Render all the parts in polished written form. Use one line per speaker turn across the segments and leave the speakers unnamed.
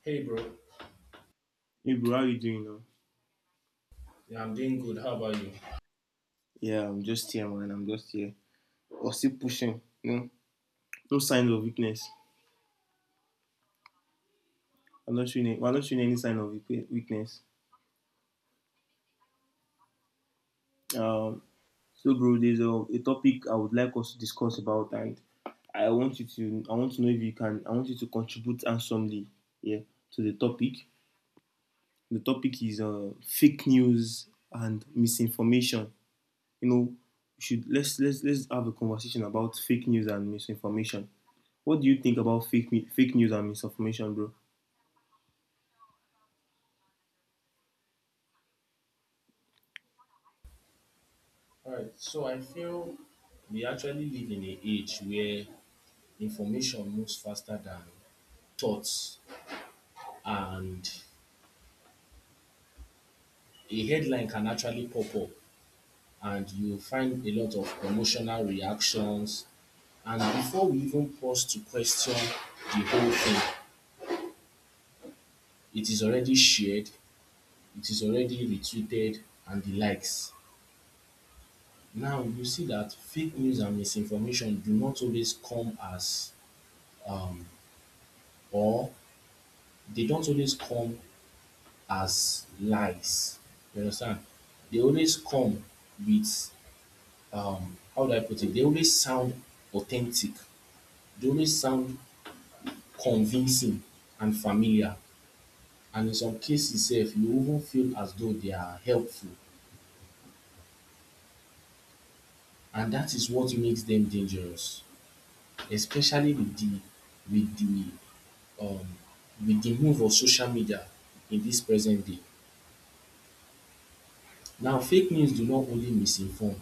Hey bro,
Hey bro, how you doing now?
yeah, I'm doing good. How about you?
Yeah, I'm just here, man. I'm just here. We're still pushing. You know? No sign of weakness. I'm not showing. We're not showing any sign of weakness. Um, so bro, there's a topic I would like us to discuss about, and I want you to. I want to know if you can. I want you to contribute handsomely. Yeah, to the topic. The topic is fake news and misinformation. you know, should Let's have a conversation about fake news and misinformation. What do you think about fake news and misinformation, bro?
All right. So I feel we actually live in an age where information moves faster than thoughts, and a headline can actually pop up, and you find a lot of emotional reactions. And before we even pause to question the whole thing, it is already shared, it is already retweeted, and the likes. Now you see that fake news and misinformation do not always come as um or they don't always come as lies. You understand? They always come with how do I put it? They always sound authentic. They always sound convincing and familiar. And in some cases sef you even feel as though they are helpful, and that is what makes them dangerous, especially with the um with the move of social media in this present day. Now fake news do not only misinform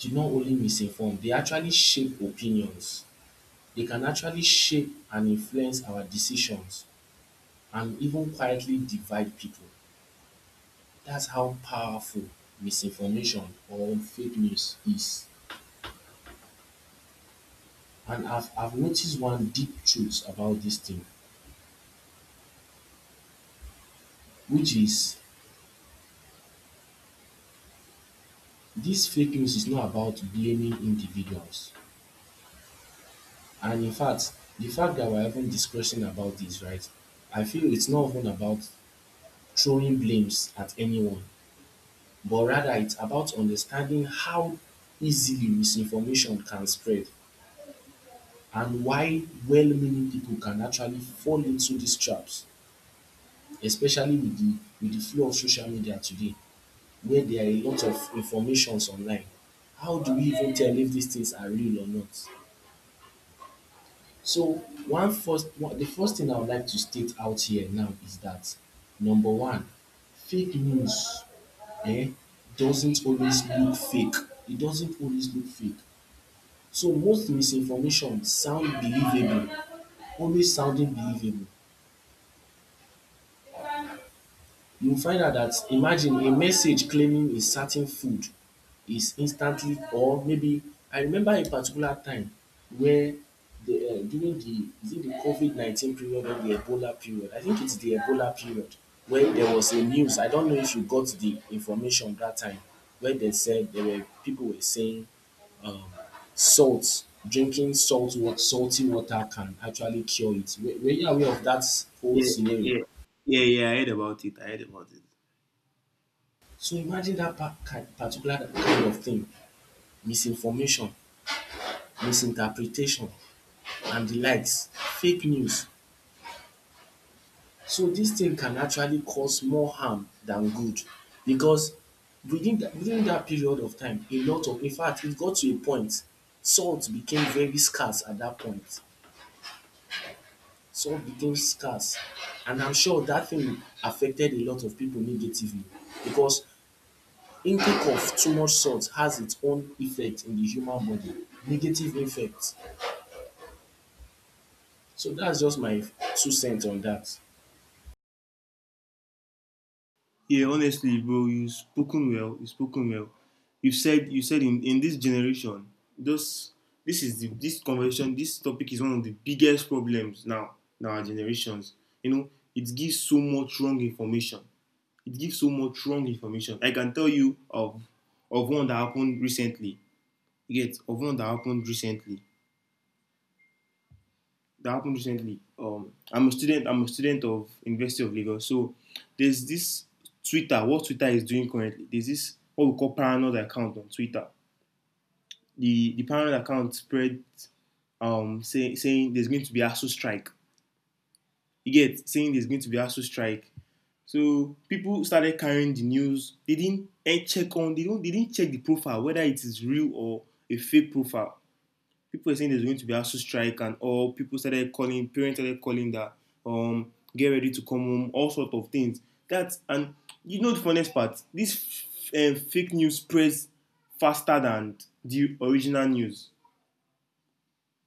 do not only misinform, they actually shape opinions. They can actually shape and influence our decisions and even quietly divide people. That's how powerful misinformation or fake news is. And I've noticed one deep truth about this thing, which is this fake news is not about blaming individuals. And in fact, the fact that we're even discussing about this, right? I feel it's not even about throwing blames at anyone, but rather it's about understanding how easily misinformation can spread and why well-meaning people can actually fall into these traps, especially with the flow of social media today, where there are a lot of informations online. How do we even tell if these things are real or not? So one first one the first thing I would like to state out here now is that, number one, fake news um doesn't always look fake. It doesn't always look fake. So most misinformation sound believable, always sounding believable. You find out that, imagine a message claiming a certain food is instantly, or maybe I remember a particular time where the during the, is it the covid 19 period or the ebola period? I think its the ebola period, where there was a news. I don't know if you got the information dat time, where dem said there were people were saying, um, salt, salty water can actually cure it. Were you aware of that whole
Yeah,
scenario?
yeah, yeah, yeah. I heard about it. I heard about it.
So imagine that particular kind of thing, misinformation, misinterpretation, and the likes, fake news. So this thing can actually cause more harm than good, because within that period of time, a lot of, in fact, it got to a point, salt became very scarce at that point. Some became scarce, and I'm sure that thing affected a lot of people negatively, because intake of too much salt has its own effect in the human body, negative effect. So that's just my two cents on that.
Yeah, honestly, bro, you spoken well. You spoken well. You said in this generation, this this conversation, this topic is one of the biggest problems now in our generations. You know, it gives so much wrong information. It gives so much wrong information. I can tell you of one that happened recently. You get of one that happened recently. That happened recently. I'm a student. I'm a student of University of Lagos. So there's this Twitter. What Twitter is doing currently? There's this what we call paranoid account on Twitter. The paranoid account spread saying there's going to be ASU strike. You get saying there's going to be ASU strike. So people started carrying the news. They didn't check on. They don't. They didn't check the profile whether it is real or a fake profile. People were saying there's going to be a strike and all. People started calling. Parents started calling that get ready to come home. All sorts of things. That's and you know the funniest part. This fake news spreads faster than the original news.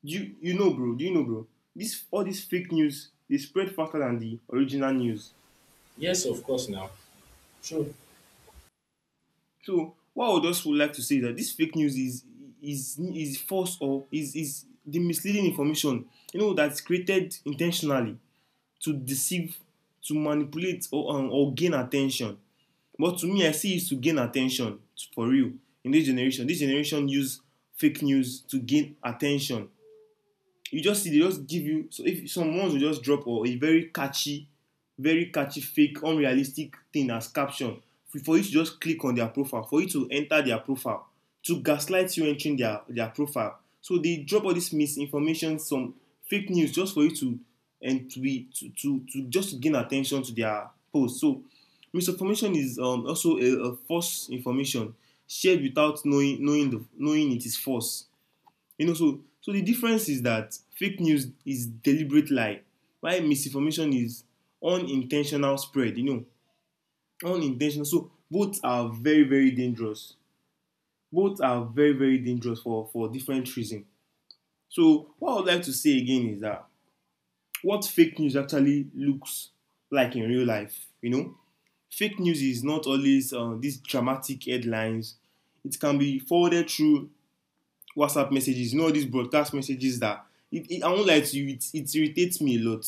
You know, bro? Do you know, bro? This all this fake news, they spread faster than the original news.
Yes, of course now. Sure.
So what I would just like to say is that this fake news is false or is the misleading information, you know, that's created intentionally to deceive, to manipulate, or gain attention. But to me, I see it's to gain attention for real in this generation. This generation use fake news to gain attention. You just see they just give you, so if some ones will just drop or a very catchy fake unrealistic thing as caption for you to just click on their profile, for you to enter their profile, to gaslight you entering their profile, so they drop all this misinformation, some fake news, just for you to and to be to just to gain attention to their post. So misinformation is also a false information shared without knowing it is false. You know, so so the difference is that fake news is deliberate lie, while misinformation is unintentional spread. You know, unintentional. So both are very dangerous. Both are very dangerous for different reasons. So what I would like to say again is that what fake news actually looks like in real life. You know, fake news is not always these dramatic headlines. It can be forwarded through WhatsApp messages, you know, all these broadcast messages that I won't lie to you, it irritates me a lot.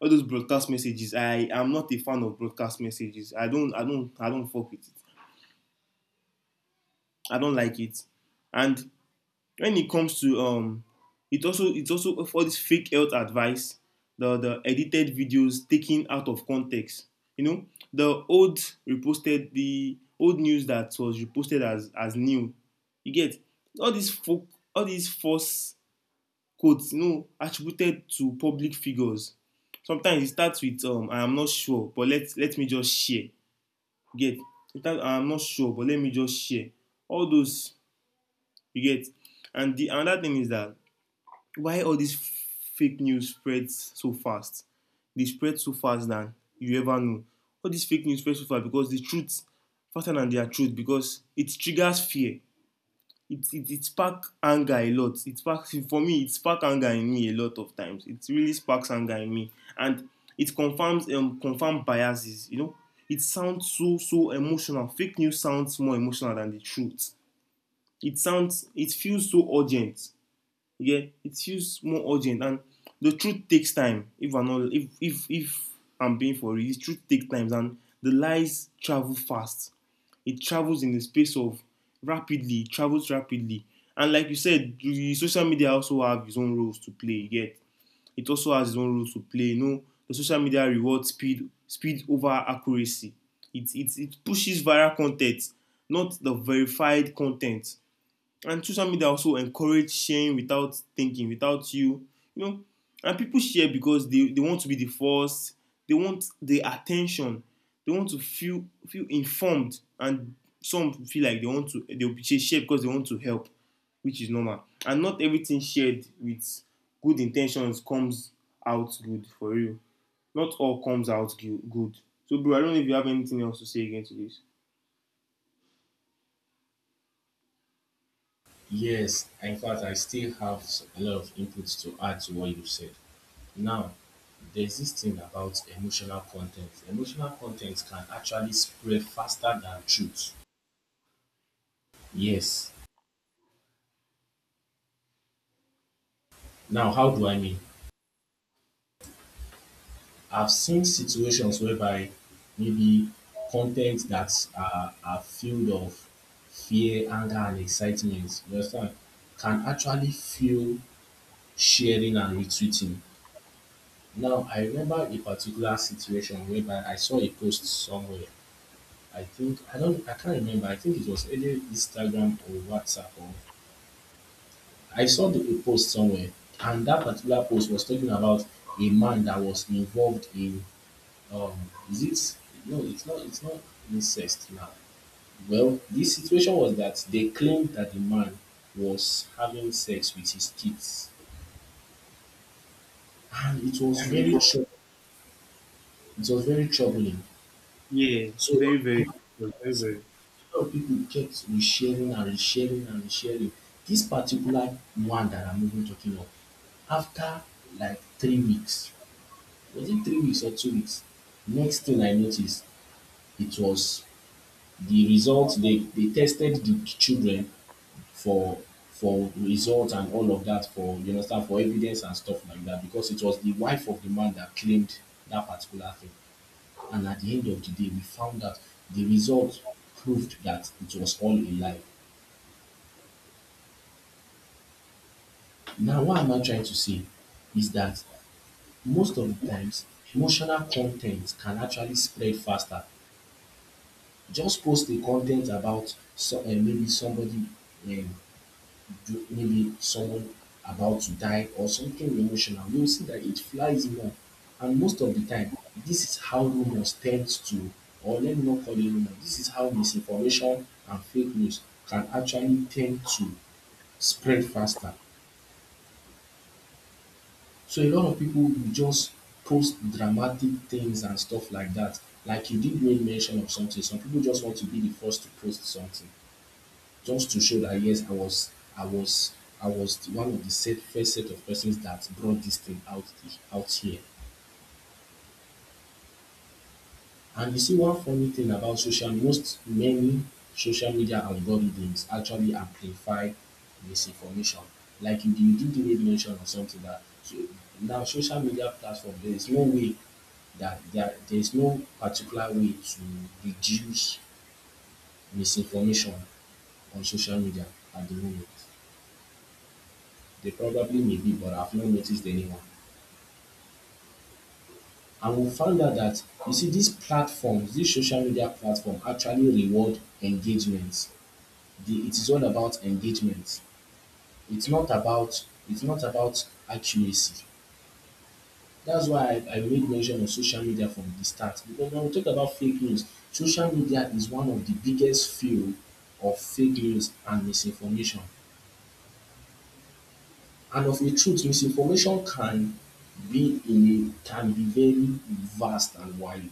All those broadcast messages. I am not a fan of broadcast messages. I don't fuck with it. I don't like it. And when it comes to it also it's also for this fake health advice, the edited videos taken out of context. You know, the old reposted the old news that was reposted as new. You get all these folk all these false quotes, you know, attributed to public figures. Sometimes it starts with I am not sure but let me just share. You get, it starts I am not sure but let me just share. All those, you get, and the another thing is that why all this fake news spreads so fast. They spread so fast than you ever know. All this fake news spread so fast because the truth faster than their truth, because it triggers fear. It sparks anger a lot, it sparks for me it sparks anger in me a lot of times, it really sparks anger in me. And it confirms confirms biases, you know. It sounds so emotional. Fake news sounds more emotional than the truth. It feels so urgent. Yeah, it feels more urgent. And the truth takes time. If I'm being for real, the truth takes time and the lies travel fast. It travels in the space of rapidly it travels rapidly. And like you said, the social media also have its own roles to play. Yet, it also has its own roles to play. You know, the social media rewards speed over accuracy. It pushes viral content, not the verified content. And social media also encourage sharing without thinking, without you, you know. And people share because they want to be the first. They want the attention. They want to feel informed. And some feel like they want to they will share because they want to help, which is normal. And not everything shared with good intentions comes out good. For real, not all comes out good. So bro, I don't know if you have anything else to say again to this.
Yes, in fact, I still have a lot of inputs to add to what you said. Now, there's this thing about emotional content. Emotional content can actually spread faster than truth. Yes. Now, how do I mean? I've seen situations whereby, maybe, content that are filled of fear, anger, and excitement, you understand, can actually fuel sharing and retweeting. Now, I remember a particular situation whereby I saw a post somewhere. I think, I can't remember. I think it was either Instagram or WhatsApp. Or, I saw a post somewhere, and that particular post was talking about a man that was involved in um is it no it's not it's not incest, now. Well, the situation was that they claimed that the man was having sex with his kids, and it was it was very troubling.
Yeah,
So a lot
very
of
very
people
very
kept,
very
a lot of people kept resharing and resharing and resharing. This particular one that I'm even talking of, after like 3 weeks, was it 3 weeks or 2 weeks, next thing I noticed, it was the results. They tested the children for for results and all of that for, you understand, for evidence and stuff like that, because it was the wife of the man that claimed that particular thing. And at the end of the day, we found that the results proved that it was all a lie. Now, what am I trying to say is that most of the times emotional content can actually spread faster. Just post a content about, so, maybe somebody, um, do maybe someone about to die, or something emotional, you'll see that it flies in up. And most of the time, this is how rumors tend to, or let me not call it rumor, this is how misinformation and fake news can actually tend to spread faster. So a lot of people will just post dramatic things and stuff like that. Like you did make mention of something, some people just want to be the first to post something, just to show that, yes, I was, I was one of the set, first set of persons that brought this thing out here. And you see, one funny thing about most many social media algorithms actually amplify misinformation. Like you did make mention of something that, so, now social media platform, there is no way that there is no particular way to reduce misinformation on social media at the moment. They probably may be, but I've not noticed anyone. And we found out that, you see, these platforms, these social media platforms actually reward engagement. It is all about engagement. It's not about, it's not about accuracy. That's why I made mention of social media from the start. Because when we talk about fake news, social media is one of the biggest field of fake news and misinformation. And of a truth, misinformation can be in a can be very vast and wide.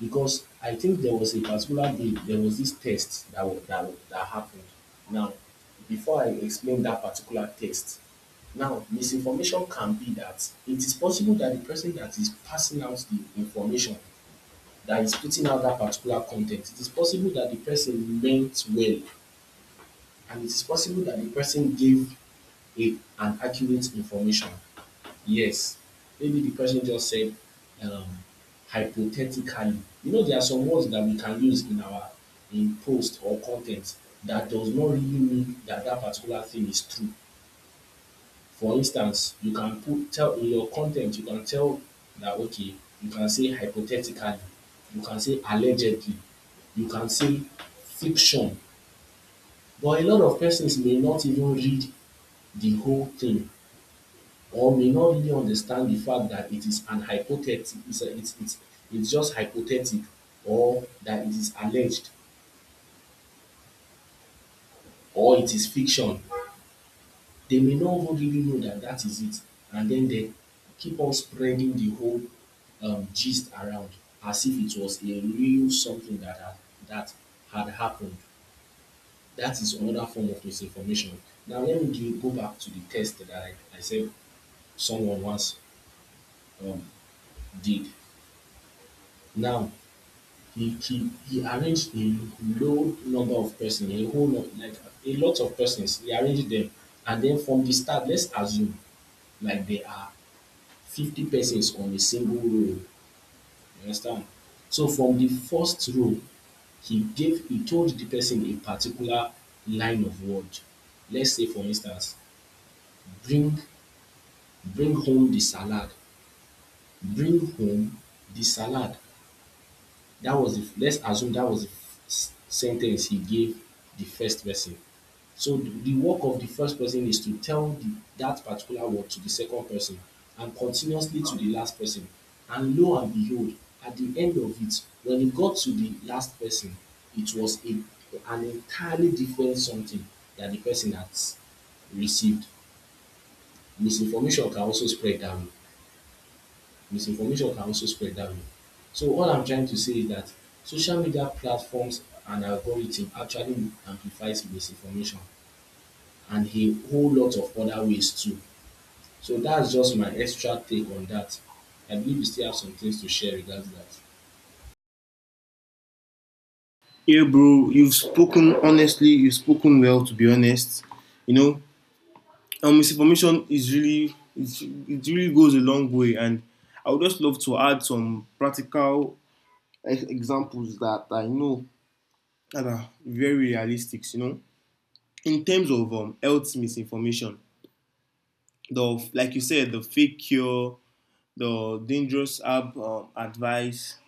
Because I think there was a particular day, there was this test that, that happened. Now, before I explain that particular test, now misinformation can be that, it is possible that the person that is passing out the information, that is putting out that particular content, it is possible that the person meant well, and it is possible that the person gave a, an accurate information. Yes. Maybe the person just said, um, hypothetically. You know, there are some words that we can use in our in post or content that does not really mean that that particular thing is true. For instance, you can put tell in your content, you can tell that, okay, you can say hypothetically, you can say allegedly, you can say fiction. But a lot of persons may not even read the whole thing, or may not really understand the fact that it is an hypothetical, it's just hypothetical, or that it is alleged, or it is fiction. They may not even really know that that is it, and then they keep on spreading the whole gist around as if it was a real something that had, that had happened. That is another form of misinformation. Now, let me go back to the test that I said someone once, um, did. Now, he arranged a low number of persons, a whole lot, like a lot of persons. He arranged them, and then from the start, let's assume like there are 50 persons on a single row. You understand? So from the first row, he told the person a particular line of word. Let's say, for instance, bring bring home the salad, bring home the salad. That was the, let's assume that was the sentence he gave the first person. So the work of the first person is to tell that particular word to the second person, and continuously to the last person. And lo and behold, at the end of it, when it got to the last person, it was an entirely different something that the person had received. Misinformation can also spread that way, misinformation can also spread that way. So what I'm trying to say is that social media platforms and algorithm actually amplifies misinformation and a whole lot of other ways too. So that's just my extra take on that. I believe you still have some things to share regarding that.
Yeah, bro, you've spoken honestly. You've spoken well, to be honest. You know, misinformation is really, it's, it really goes a long way. And I would just love to add some practical examples that I know that are very realistic. You know, in terms of health misinformation, the like you said, the fake cure, the dangerous app advice,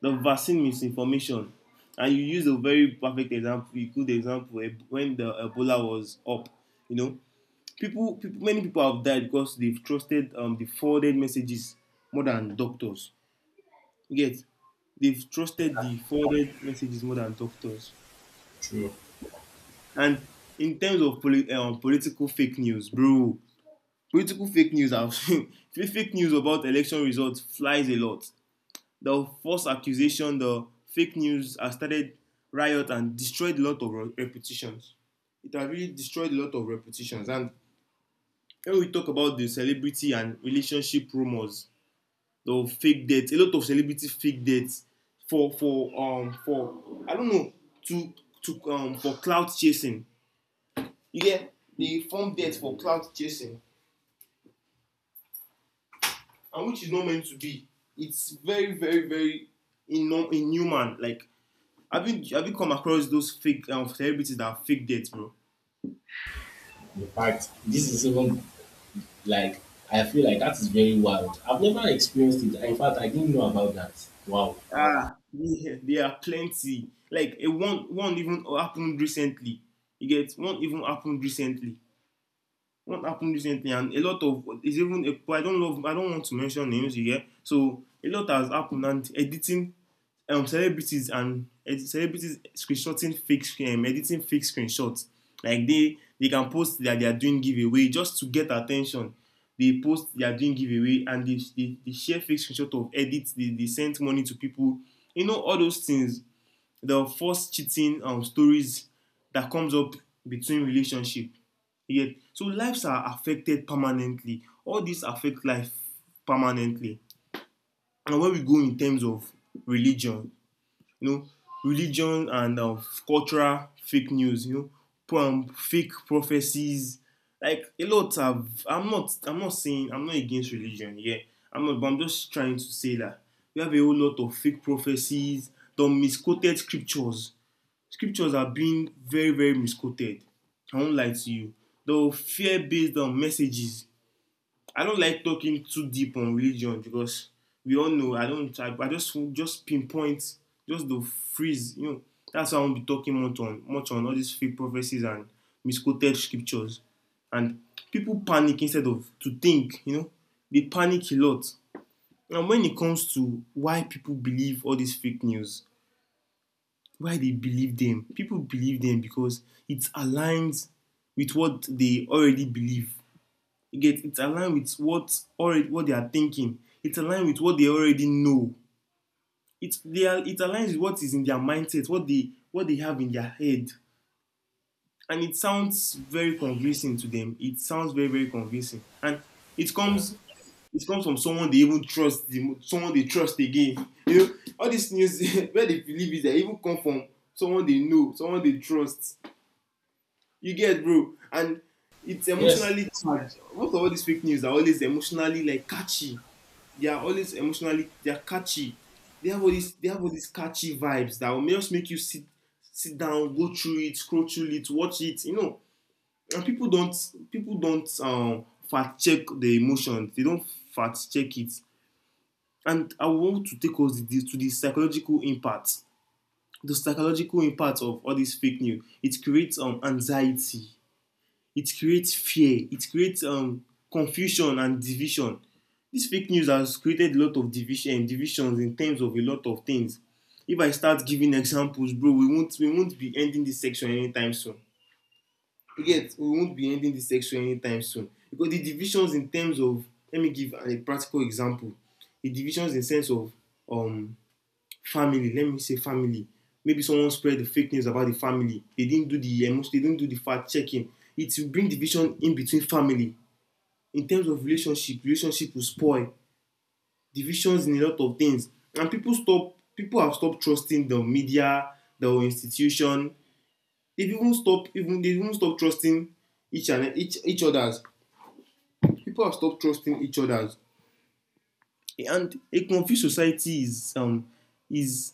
the vaccine misinformation. And you use a very perfect example, a good example, eh, when the ebola was up, you know, people, many people have died because they've trusted the forwarded messages more than doctors. You They've trusted the forwarded messages more than doctors.
True.
And in terms of political fake news, bro, political fake news have fake news about election results flies a lot. The false accusation, the fake news has started riot and destroyed a lot of reputations. It has really destroyed a lot of reputations. And when we talk about the celebrity and relationship rumors, the fake dates, a lot of celebrity fake dates for I don't know to for clout chasing. You get, they form dates for clout chasing, and which is not meant to be. It's very very very inhuman. Like, have you come across those fake celebrities that are fake dates, bro?
In fact, this is even like, I feel like that is very wild. I've never experienced it. In fact, I didn't know about that. Wow.
Ah, yeah, there are plenty. Like a one even happened recently. You get one even happened recently. What happened recently, and a lot of it's even a, but I don't want to mention names here. So a lot has happened. And editing celebrities and celebrities screenshotting fake screen editing fake screenshots. Like they can post that they are doing giveaway just to get attention. They post they are doing giveaway and they share fake screenshot of edits, they sent money to people, you know, all those things. The first cheating stories that comes up between relationship. Yet so lives are affected permanently. All this affect life permanently. And when we go in terms of religion, you know, religion and cultural fake news, you know, fake prophecies. Like a lot have, I'm not saying I'm not against religion, yeah, I'm not, but I'm just trying to say that we have a whole lot of fake prophecies, the misquoted scriptures. Scriptures are being very, very misquoted. I won't lie to you. Though fear based on messages. I don't like talking too deep on religion because we all know I don't I just pinpoint just the freeze, you know. That's why I won't be talking much on all these fake prophecies and misquoted scriptures. And people panic instead of to think, you know, they panic a lot. And when it comes to why people believe all this fake news, why they believe them. People believe them because it aligns with what they already believe. You get, it's aligned with what already what they are thinking. It's aligned with what they already know. It aligns with what is in their mindset, what they have in their head. And it sounds very convincing to them. It sounds very very convincing, and it comes it comes from someone they even trust, someone they trust again. You know, all this news where they believe is they even come from someone they know, someone they trust. You get, bro, and it's
Yes,
emotionally charged. Most of all these fake news are always emotionally like catchy. They are always emotionally they are catchy. They have all these catchy vibes that will just make you sit down, go through it, scroll through it, watch it. And people don't fact check the emotion. They don't fact check it, and I want to take us to the psychological impact. The psychological impact of all this fake news: it creates anxiety, it creates fear, it creates confusion and division. This fake news has created a lot of divisions in terms of a lot of things. If I start giving examples, bro, we won't be ending this section anytime soon. You get, we won't be ending this section anytime soon because the divisions in terms of— let me give a practical example. The divisions in sense of um family. Let me say family. Maybe someone spread the fake news about the family, they didn't do the emotion, they didn't do the fact checking, it will bring division in between family. In terms of relationship, relationship will spoil. Divisions in a lot of things. And people have stopped trusting the media, the institution. They've even stopped, even they've even stopped trusting each others. People have stopped trusting each other. And a confused society is is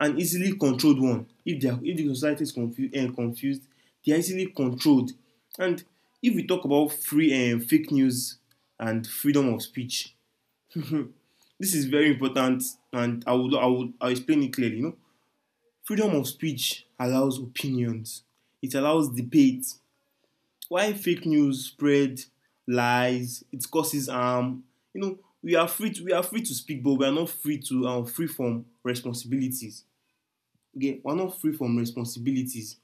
an easily controlled one. If the society is confused and confused, they are easily controlled. And if we talk about free and fake news and freedom of speech— this is very important, and I'll explain it clearly, you know. Freedom of speech allows opinions, it allows debate. Why fake news spread lies, it causes harm. You know, we are free to speak, but we are not free to— free from responsibilities. Okay, we are not free from responsibilities.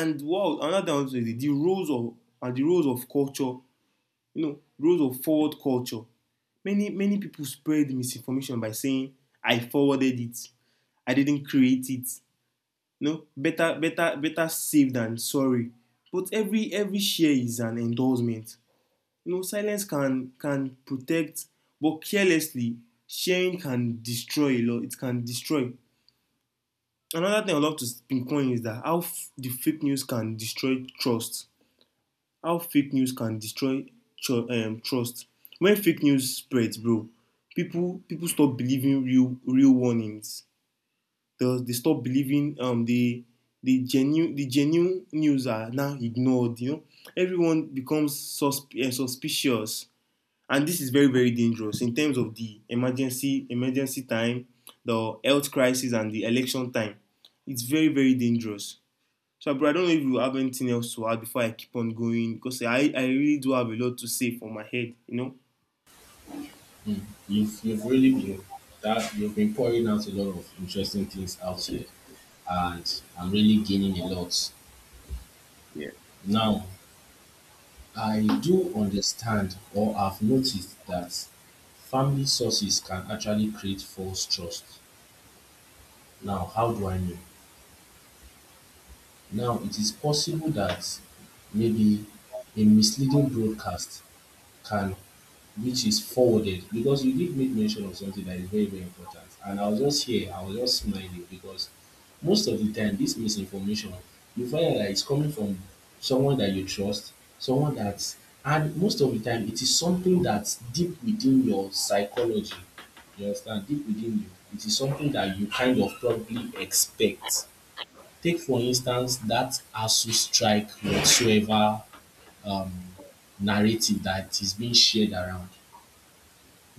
And what another thing is the roles of— and the roles of culture. You know, roles of forward culture. Many many people spread misinformation by saying, "I forwarded it. I didn't create it." You know, better safe than sorry. But every share is an endorsement. You know, silence can protect, but carelessly sharing can destroy a lot. It can destroy. Another thing I love to pinpoint is that how the fake news can destroy trust. How fake news can destroy trust. When fake news spreads, bro, people stop believing real warnings. They stop believing the the genuine news are now ignored. You know, everyone becomes suspicious, and this is very very dangerous in terms of the emergency time, the health crisis, and the election time. It's very very dangerous. So bro, I don't know if you have anything else to add before I keep on going, because I really do have a lot to say for my head, you know.
you've really been, that you've been pouring out a lot of interesting things out here, and I'm really gaining a lot.
Yeah.
Now, I do understand or have noticed that family sources can actually create false trust. Now, how do I know? Now, it is possible that maybe a misleading broadcast can, which is forwarded, because you did make mention of something that is very very important and I was just here, I was just smiling because most of the time this misinformation, you find out that it's coming from someone that you trust, someone that, and most of the time it is something that's deep within your psychology, you understand, deep within you. It is something that you kind of probably expect. Take for instance that ASU strike whatsoever, um, narrative that is being shared around,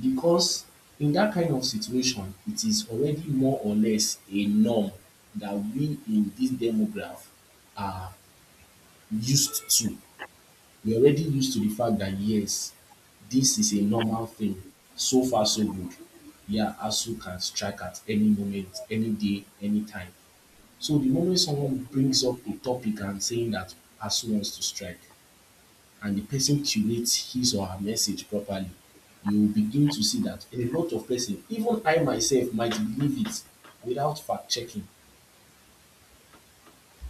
because in that kind of situation, it is already more or less a norm that we in this demograph are used to. We're already used to the fact that yes, this is a normal thing. So far, so good. Yeah, ASU can strike at any moment, any day, any time. So the moment someone brings up a topic and saying that ASU wants to strike, and the person curates his or her message properly, you will begin to see that a lot of person, even I myself, might believe it without fact checking.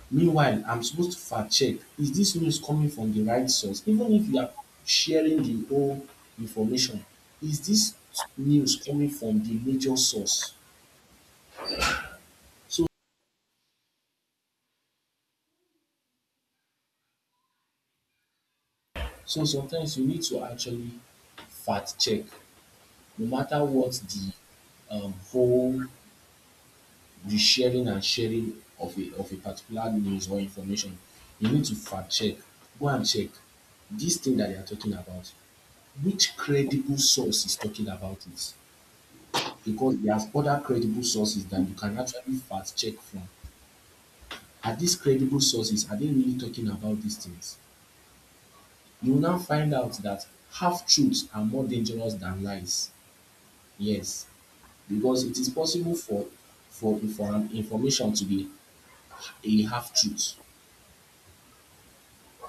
Meanwhile, I'm supposed to fact check. Is this news coming from the right source? Even if you are sharing the whole information, is this news coming from the major source? So, so sometimes you need to actually fact check no matter what the whole, the sharing and sharing of a particular news or information, you need to fact check. Go and check this thing that they are talking about. Which credible source is talking about it? Because there's other credible sources that you can actually fact check from. Are these credible sources, are they really talking about these things? You will now find out that half truths are more dangerous than lies. Yes, because it is possible for for an information to be a half truth,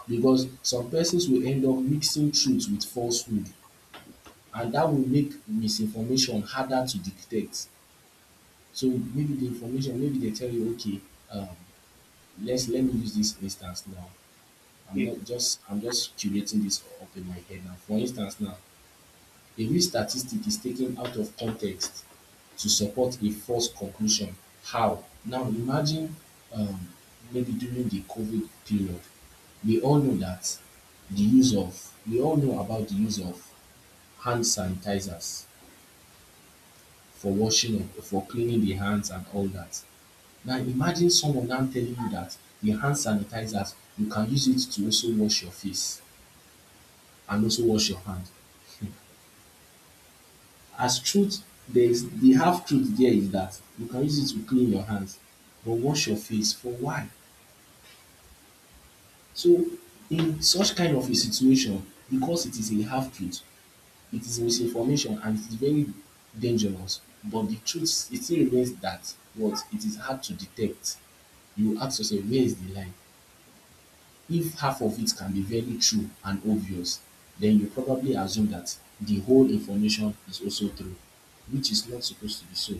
because some persons will end up mixing truth with falsehood, and that will make misinformation harder to detect. So maybe the information, maybe they tell you, okay, um, let me use this instance now. I'm
yeah,
not just I'm just curating this up in my head now. For instance now, a real statistic is taken out of context to support a false conclusion. How? Now imagine, um, maybe during the COVID period, we all know that we all know about the use of hand sanitizers for washing up, for cleaning the hands and all that. Now imagine someone now telling you that the hand sanitizers, you can use it to also wash your face and also wash your hand. As truth, there's the half truth there is that you can use it to clean your hands, but wash your face for why? So in such kind of a situation, because it is a half truth, it is misinformation and it's very dangerous. But the truth, it still remains that what it is hard to detect. You ask yourself, where is the line? If half of it can be very true and obvious, then you probably assume that the whole information is also true, which is not supposed to be so.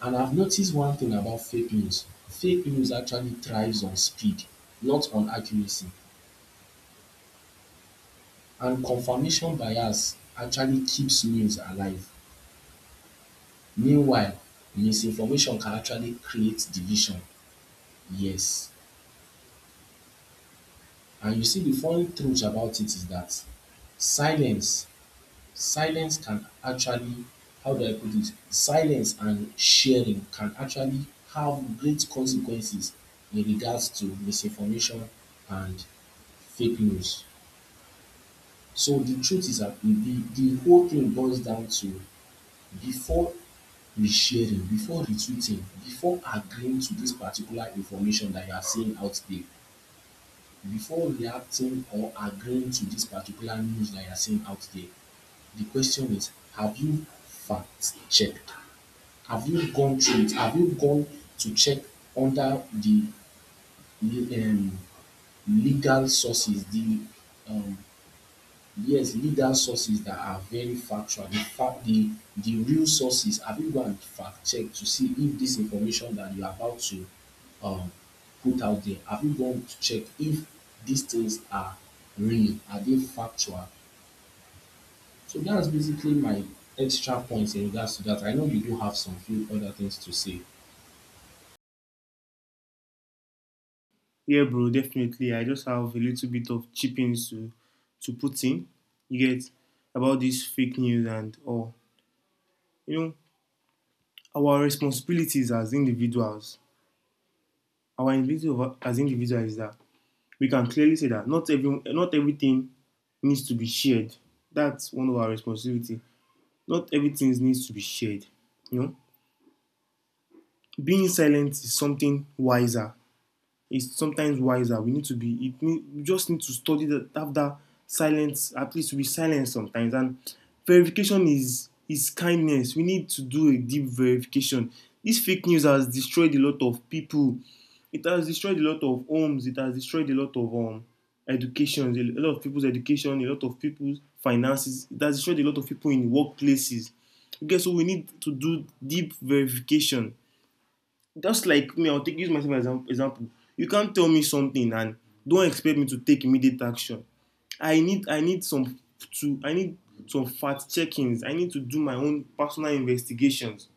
And I've noticed one thing about fake news actually thrives on speed, not on accuracy. And confirmation bias actually keeps news alive. Meanwhile, misinformation can actually create division. Yes. And you see, the funny truth about it is that silence silence can actually, how do I put it, silence and sharing can actually have great consequences in regards to misinformation and fake news. So the truth is that the whole thing boils down to, before resharing, before retweeting, before agreeing to this particular information that you are seeing out there, before reacting or agreeing to this particular news that you are seeing out there, the question is, have you fact checked? Have you gone through it? Have you gone to check under the um, legal sources, the um, yes, legal sources that are very factual, the fact, the real sources. Have you gone and fact check to see if this information that you are about to um, put out there, have you gone to check if these things are real? Are they factual? So that's basically my extra points in regards to that. I know you do have some few other things to say.
yeah, bro, definitely. I just have a little bit of chippings to— to put in. You get, about this fake news and all, you know, our responsibilities as individuals. Our individuals is that we can clearly say that not everything needs to be shared. That's one of our responsibility. Not everything needs to be shared. You know, being silent is something wiser is sometimes wiser. We need to be, we just need to study that, have that silence, at least we silence sometimes. And verification is kindness. We need to do a deep verification. This fake news has destroyed a lot of people. It has destroyed a lot of homes. It has destroyed a lot of education, a lot of people's education, a lot of people's finances. It has destroyed a lot of people in workplaces. Okay, so we need to do deep verification. Just like me, I'll take— use myself as an example. You can't tell me something and don't expect me to take immediate action. I need I need some I need some fact checkings. I need to do my own personal investigations.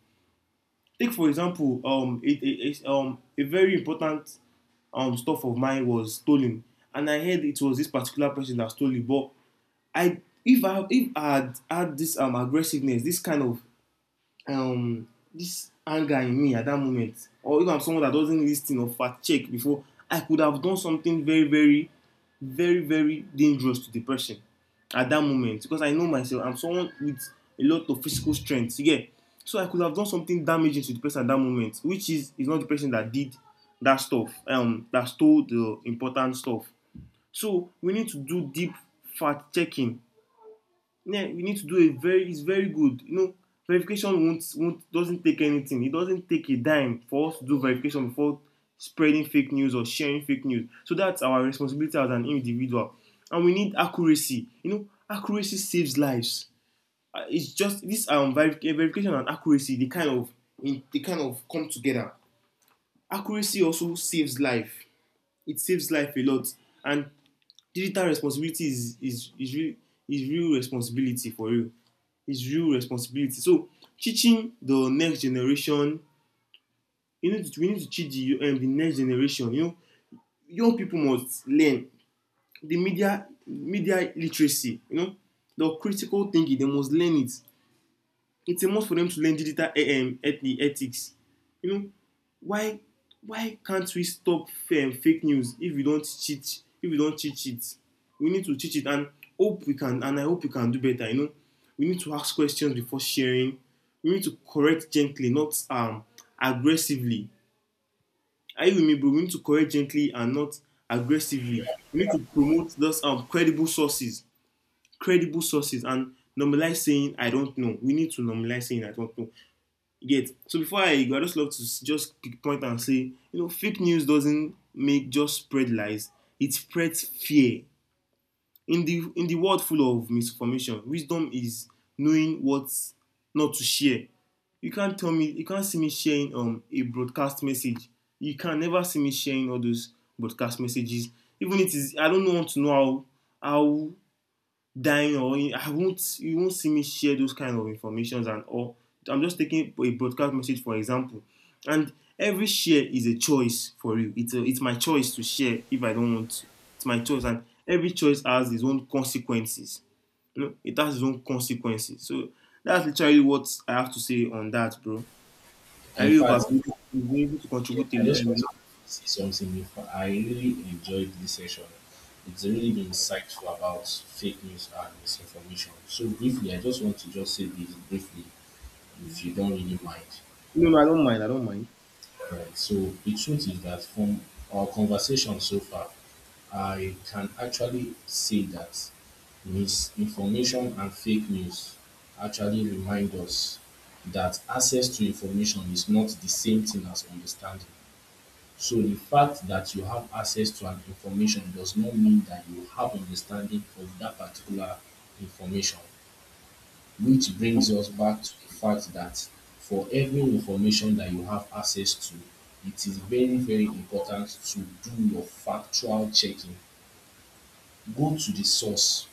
Take for example, a very important stuff of mine was stolen, and I heard it was this particular person that stole it. But I if I if I had had this aggressiveness, this kind of um this anger in me at that moment, or if I'm someone that doesn't listen or fact check before, I could have done something very very very very dangerous to the person at that moment. Because I know myself, I'm someone with a lot of physical strength, you get. So I could have done something damaging to the person at that moment, which is not the person that did that stuff, that stole the important stuff. So we need to do deep fact checking. Yeah, we need to do a very— it's very good. You know, verification won't doesn't take anything. It doesn't take a dime for us to do verification before spreading fake news or sharing fake news. So that's our responsibility as an individual. And we need accuracy. You know, accuracy saves lives. It's just this verification and accuracy. They kind of come together. Accuracy also saves life. It saves life a lot. And digital responsibility is real, is real responsibility for you. It's real responsibility. So teaching the next generation, we need to teach the next generation. You know, young people must learn the media media literacy. You know, the critical thinking. They must learn it. It's a must for them to learn digital ethics. You know, why— why can't we stop fake news if we don't cheat, if we don't teach it? We need to teach it, and hope we can and I hope we can do better. You know, we need to ask questions before sharing. We need to correct gently, not aggressively. Are you with me, bro? We need to correct gently and not aggressively. We need to promote those credible sources, and normalize saying I don't know. We need to normalize saying I don't know. You get, so before I go, I just love to just pick point and say, you know, fake news doesn't make just spread lies; it spreads fear. In the world full of misinformation, wisdom is knowing what not to share. You can't tell me, you can't see me sharing a broadcast message. You can never see me sharing all those broadcast messages. Even it is, I don't want to know how— dying or I won't— you won't see me share those kind of informations and all. I'm just taking a broadcast message for example, and every share is a choice for you. It's my choice to share if I don't want to. It's my choice, and every choice has its own consequences. You know, it has its own consequences. So that's literally what I have to say on that, bro. I
And in
really hope I've
fact,
been able— I been able to
yeah,
contribute to,
I just want to
a
say something. In fact, I really enjoyed this session. It's really been
lot.
insightful about fake news and misinformation. So briefly, I just want to just say this briefly, if you don't really mind.
No, no, I don't mind. I don't mind.
Right. So the truth is that, from our conversation so far, I can actually say that misinformation and fake news actually remind us that access to information is not the same thing as understanding. So the fact that you have access to an information does not mean that you have understanding of that particular information. Which brings us back to the fact that for every information that you have access to, it is very, very important to do your factual checking. Go to the source.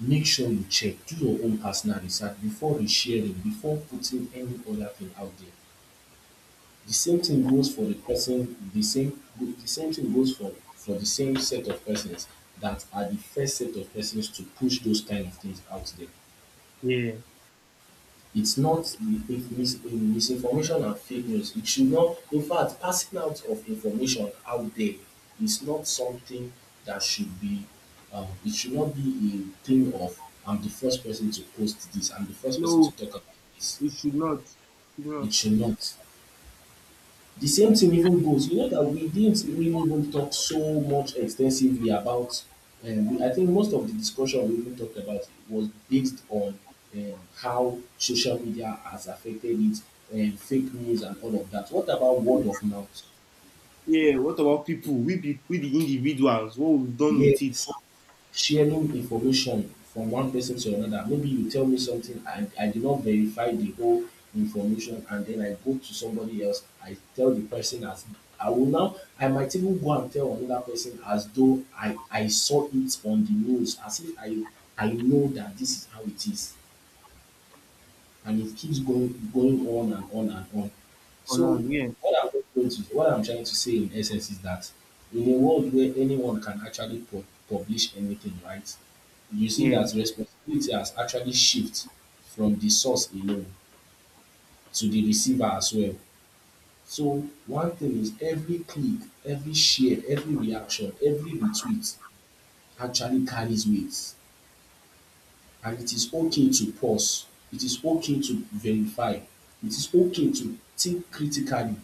Make sure you check. Do your own personal research before resharing, before putting any other thing out there. The same thing goes for the person, the same the same thing goes for the same set of persons that are the first set of persons to push those kind of things out there.
Yeah.
It's not misinformation and fake news. It should not, in fact, passing out of information out there is not something that should be, it should not be a thing of, I'm the first person to post this, I'm the first person
No,
to talk about this.
it should not. Should
It
not.
should not. The same thing even goes, you know that we didn't really even talk so much extensively about, I think most of the discussion we even talked about was based on how social media has affected it, fake news and all of that. What about word of mouth?
Yeah, what about people? We the individuals. What we've done with it?
Yes, sharing information from one person to another. Maybe you tell me something, I did not verify the whole information, and then I go to somebody else, I tell the person as I will now, I might even go and tell another person as though I saw it on the news, as if I know that this is how it is, and it keeps going on and on and on.
Or not?
So
Yeah,
what I'm trying to say in essence is that in a world where anyone can actually publish anything, right? You see
yeah,
that responsibility has actually shifted from the source alone to the receiver as well. So one thing is, every click, every share, every reaction, every retweet actually carries weight. And it is okay to pause. It is okay to verify. It is okay to think critically,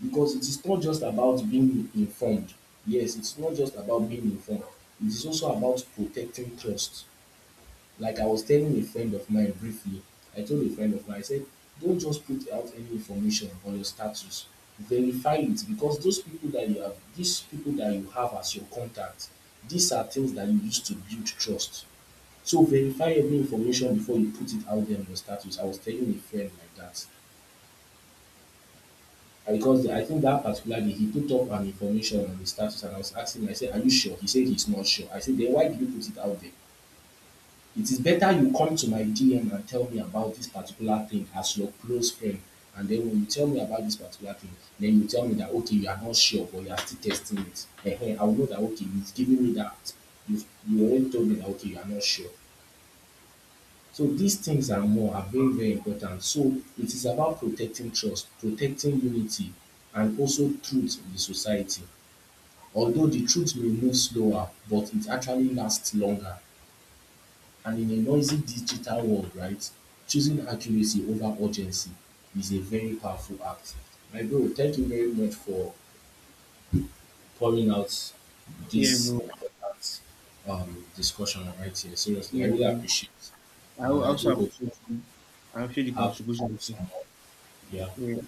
because it is not just about being informed. Yes, it's not just about being informed. It is also about protecting trust. Like I was telling a friend of mine briefly, I told a friend of mine, I said, don't just put out any information on your status. Verify it, because those people that you have, these people that you have as your contact, these are things that you use to build trust. So verify every information before you put it out there on your status. I was telling a friend like that. And because I think that particular day he put up an information on his status and I was asking him, I said, are you sure? He said he's not sure. I said, then why did you put it out there? It is better you come to my DM and tell me about this particular thing as your close friend. And then when you tell me about this particular thing, then you tell me that okay, you are not sure, but you are still testing it. Ehen, I will know that okay, you've given me that. You already told me that okay, you are not sure. So these things and more are very, very important. So it is about protecting trust, protecting unity, and also truth in the society. Although the truth may move slower, but it actually lasts longer. And in a noisy digital world, right, choosing accuracy over urgency is a very powerful act. My bro, thank you very much for pouring out
yeah,
this
bro.
important discussion right here. Seriously,
Yeah,
I really
yeah.
appreciate it. And I
Also
do hope
appreciate you. I appreciate the
you have
contribution, too.
some more. Yeah.
Yeah.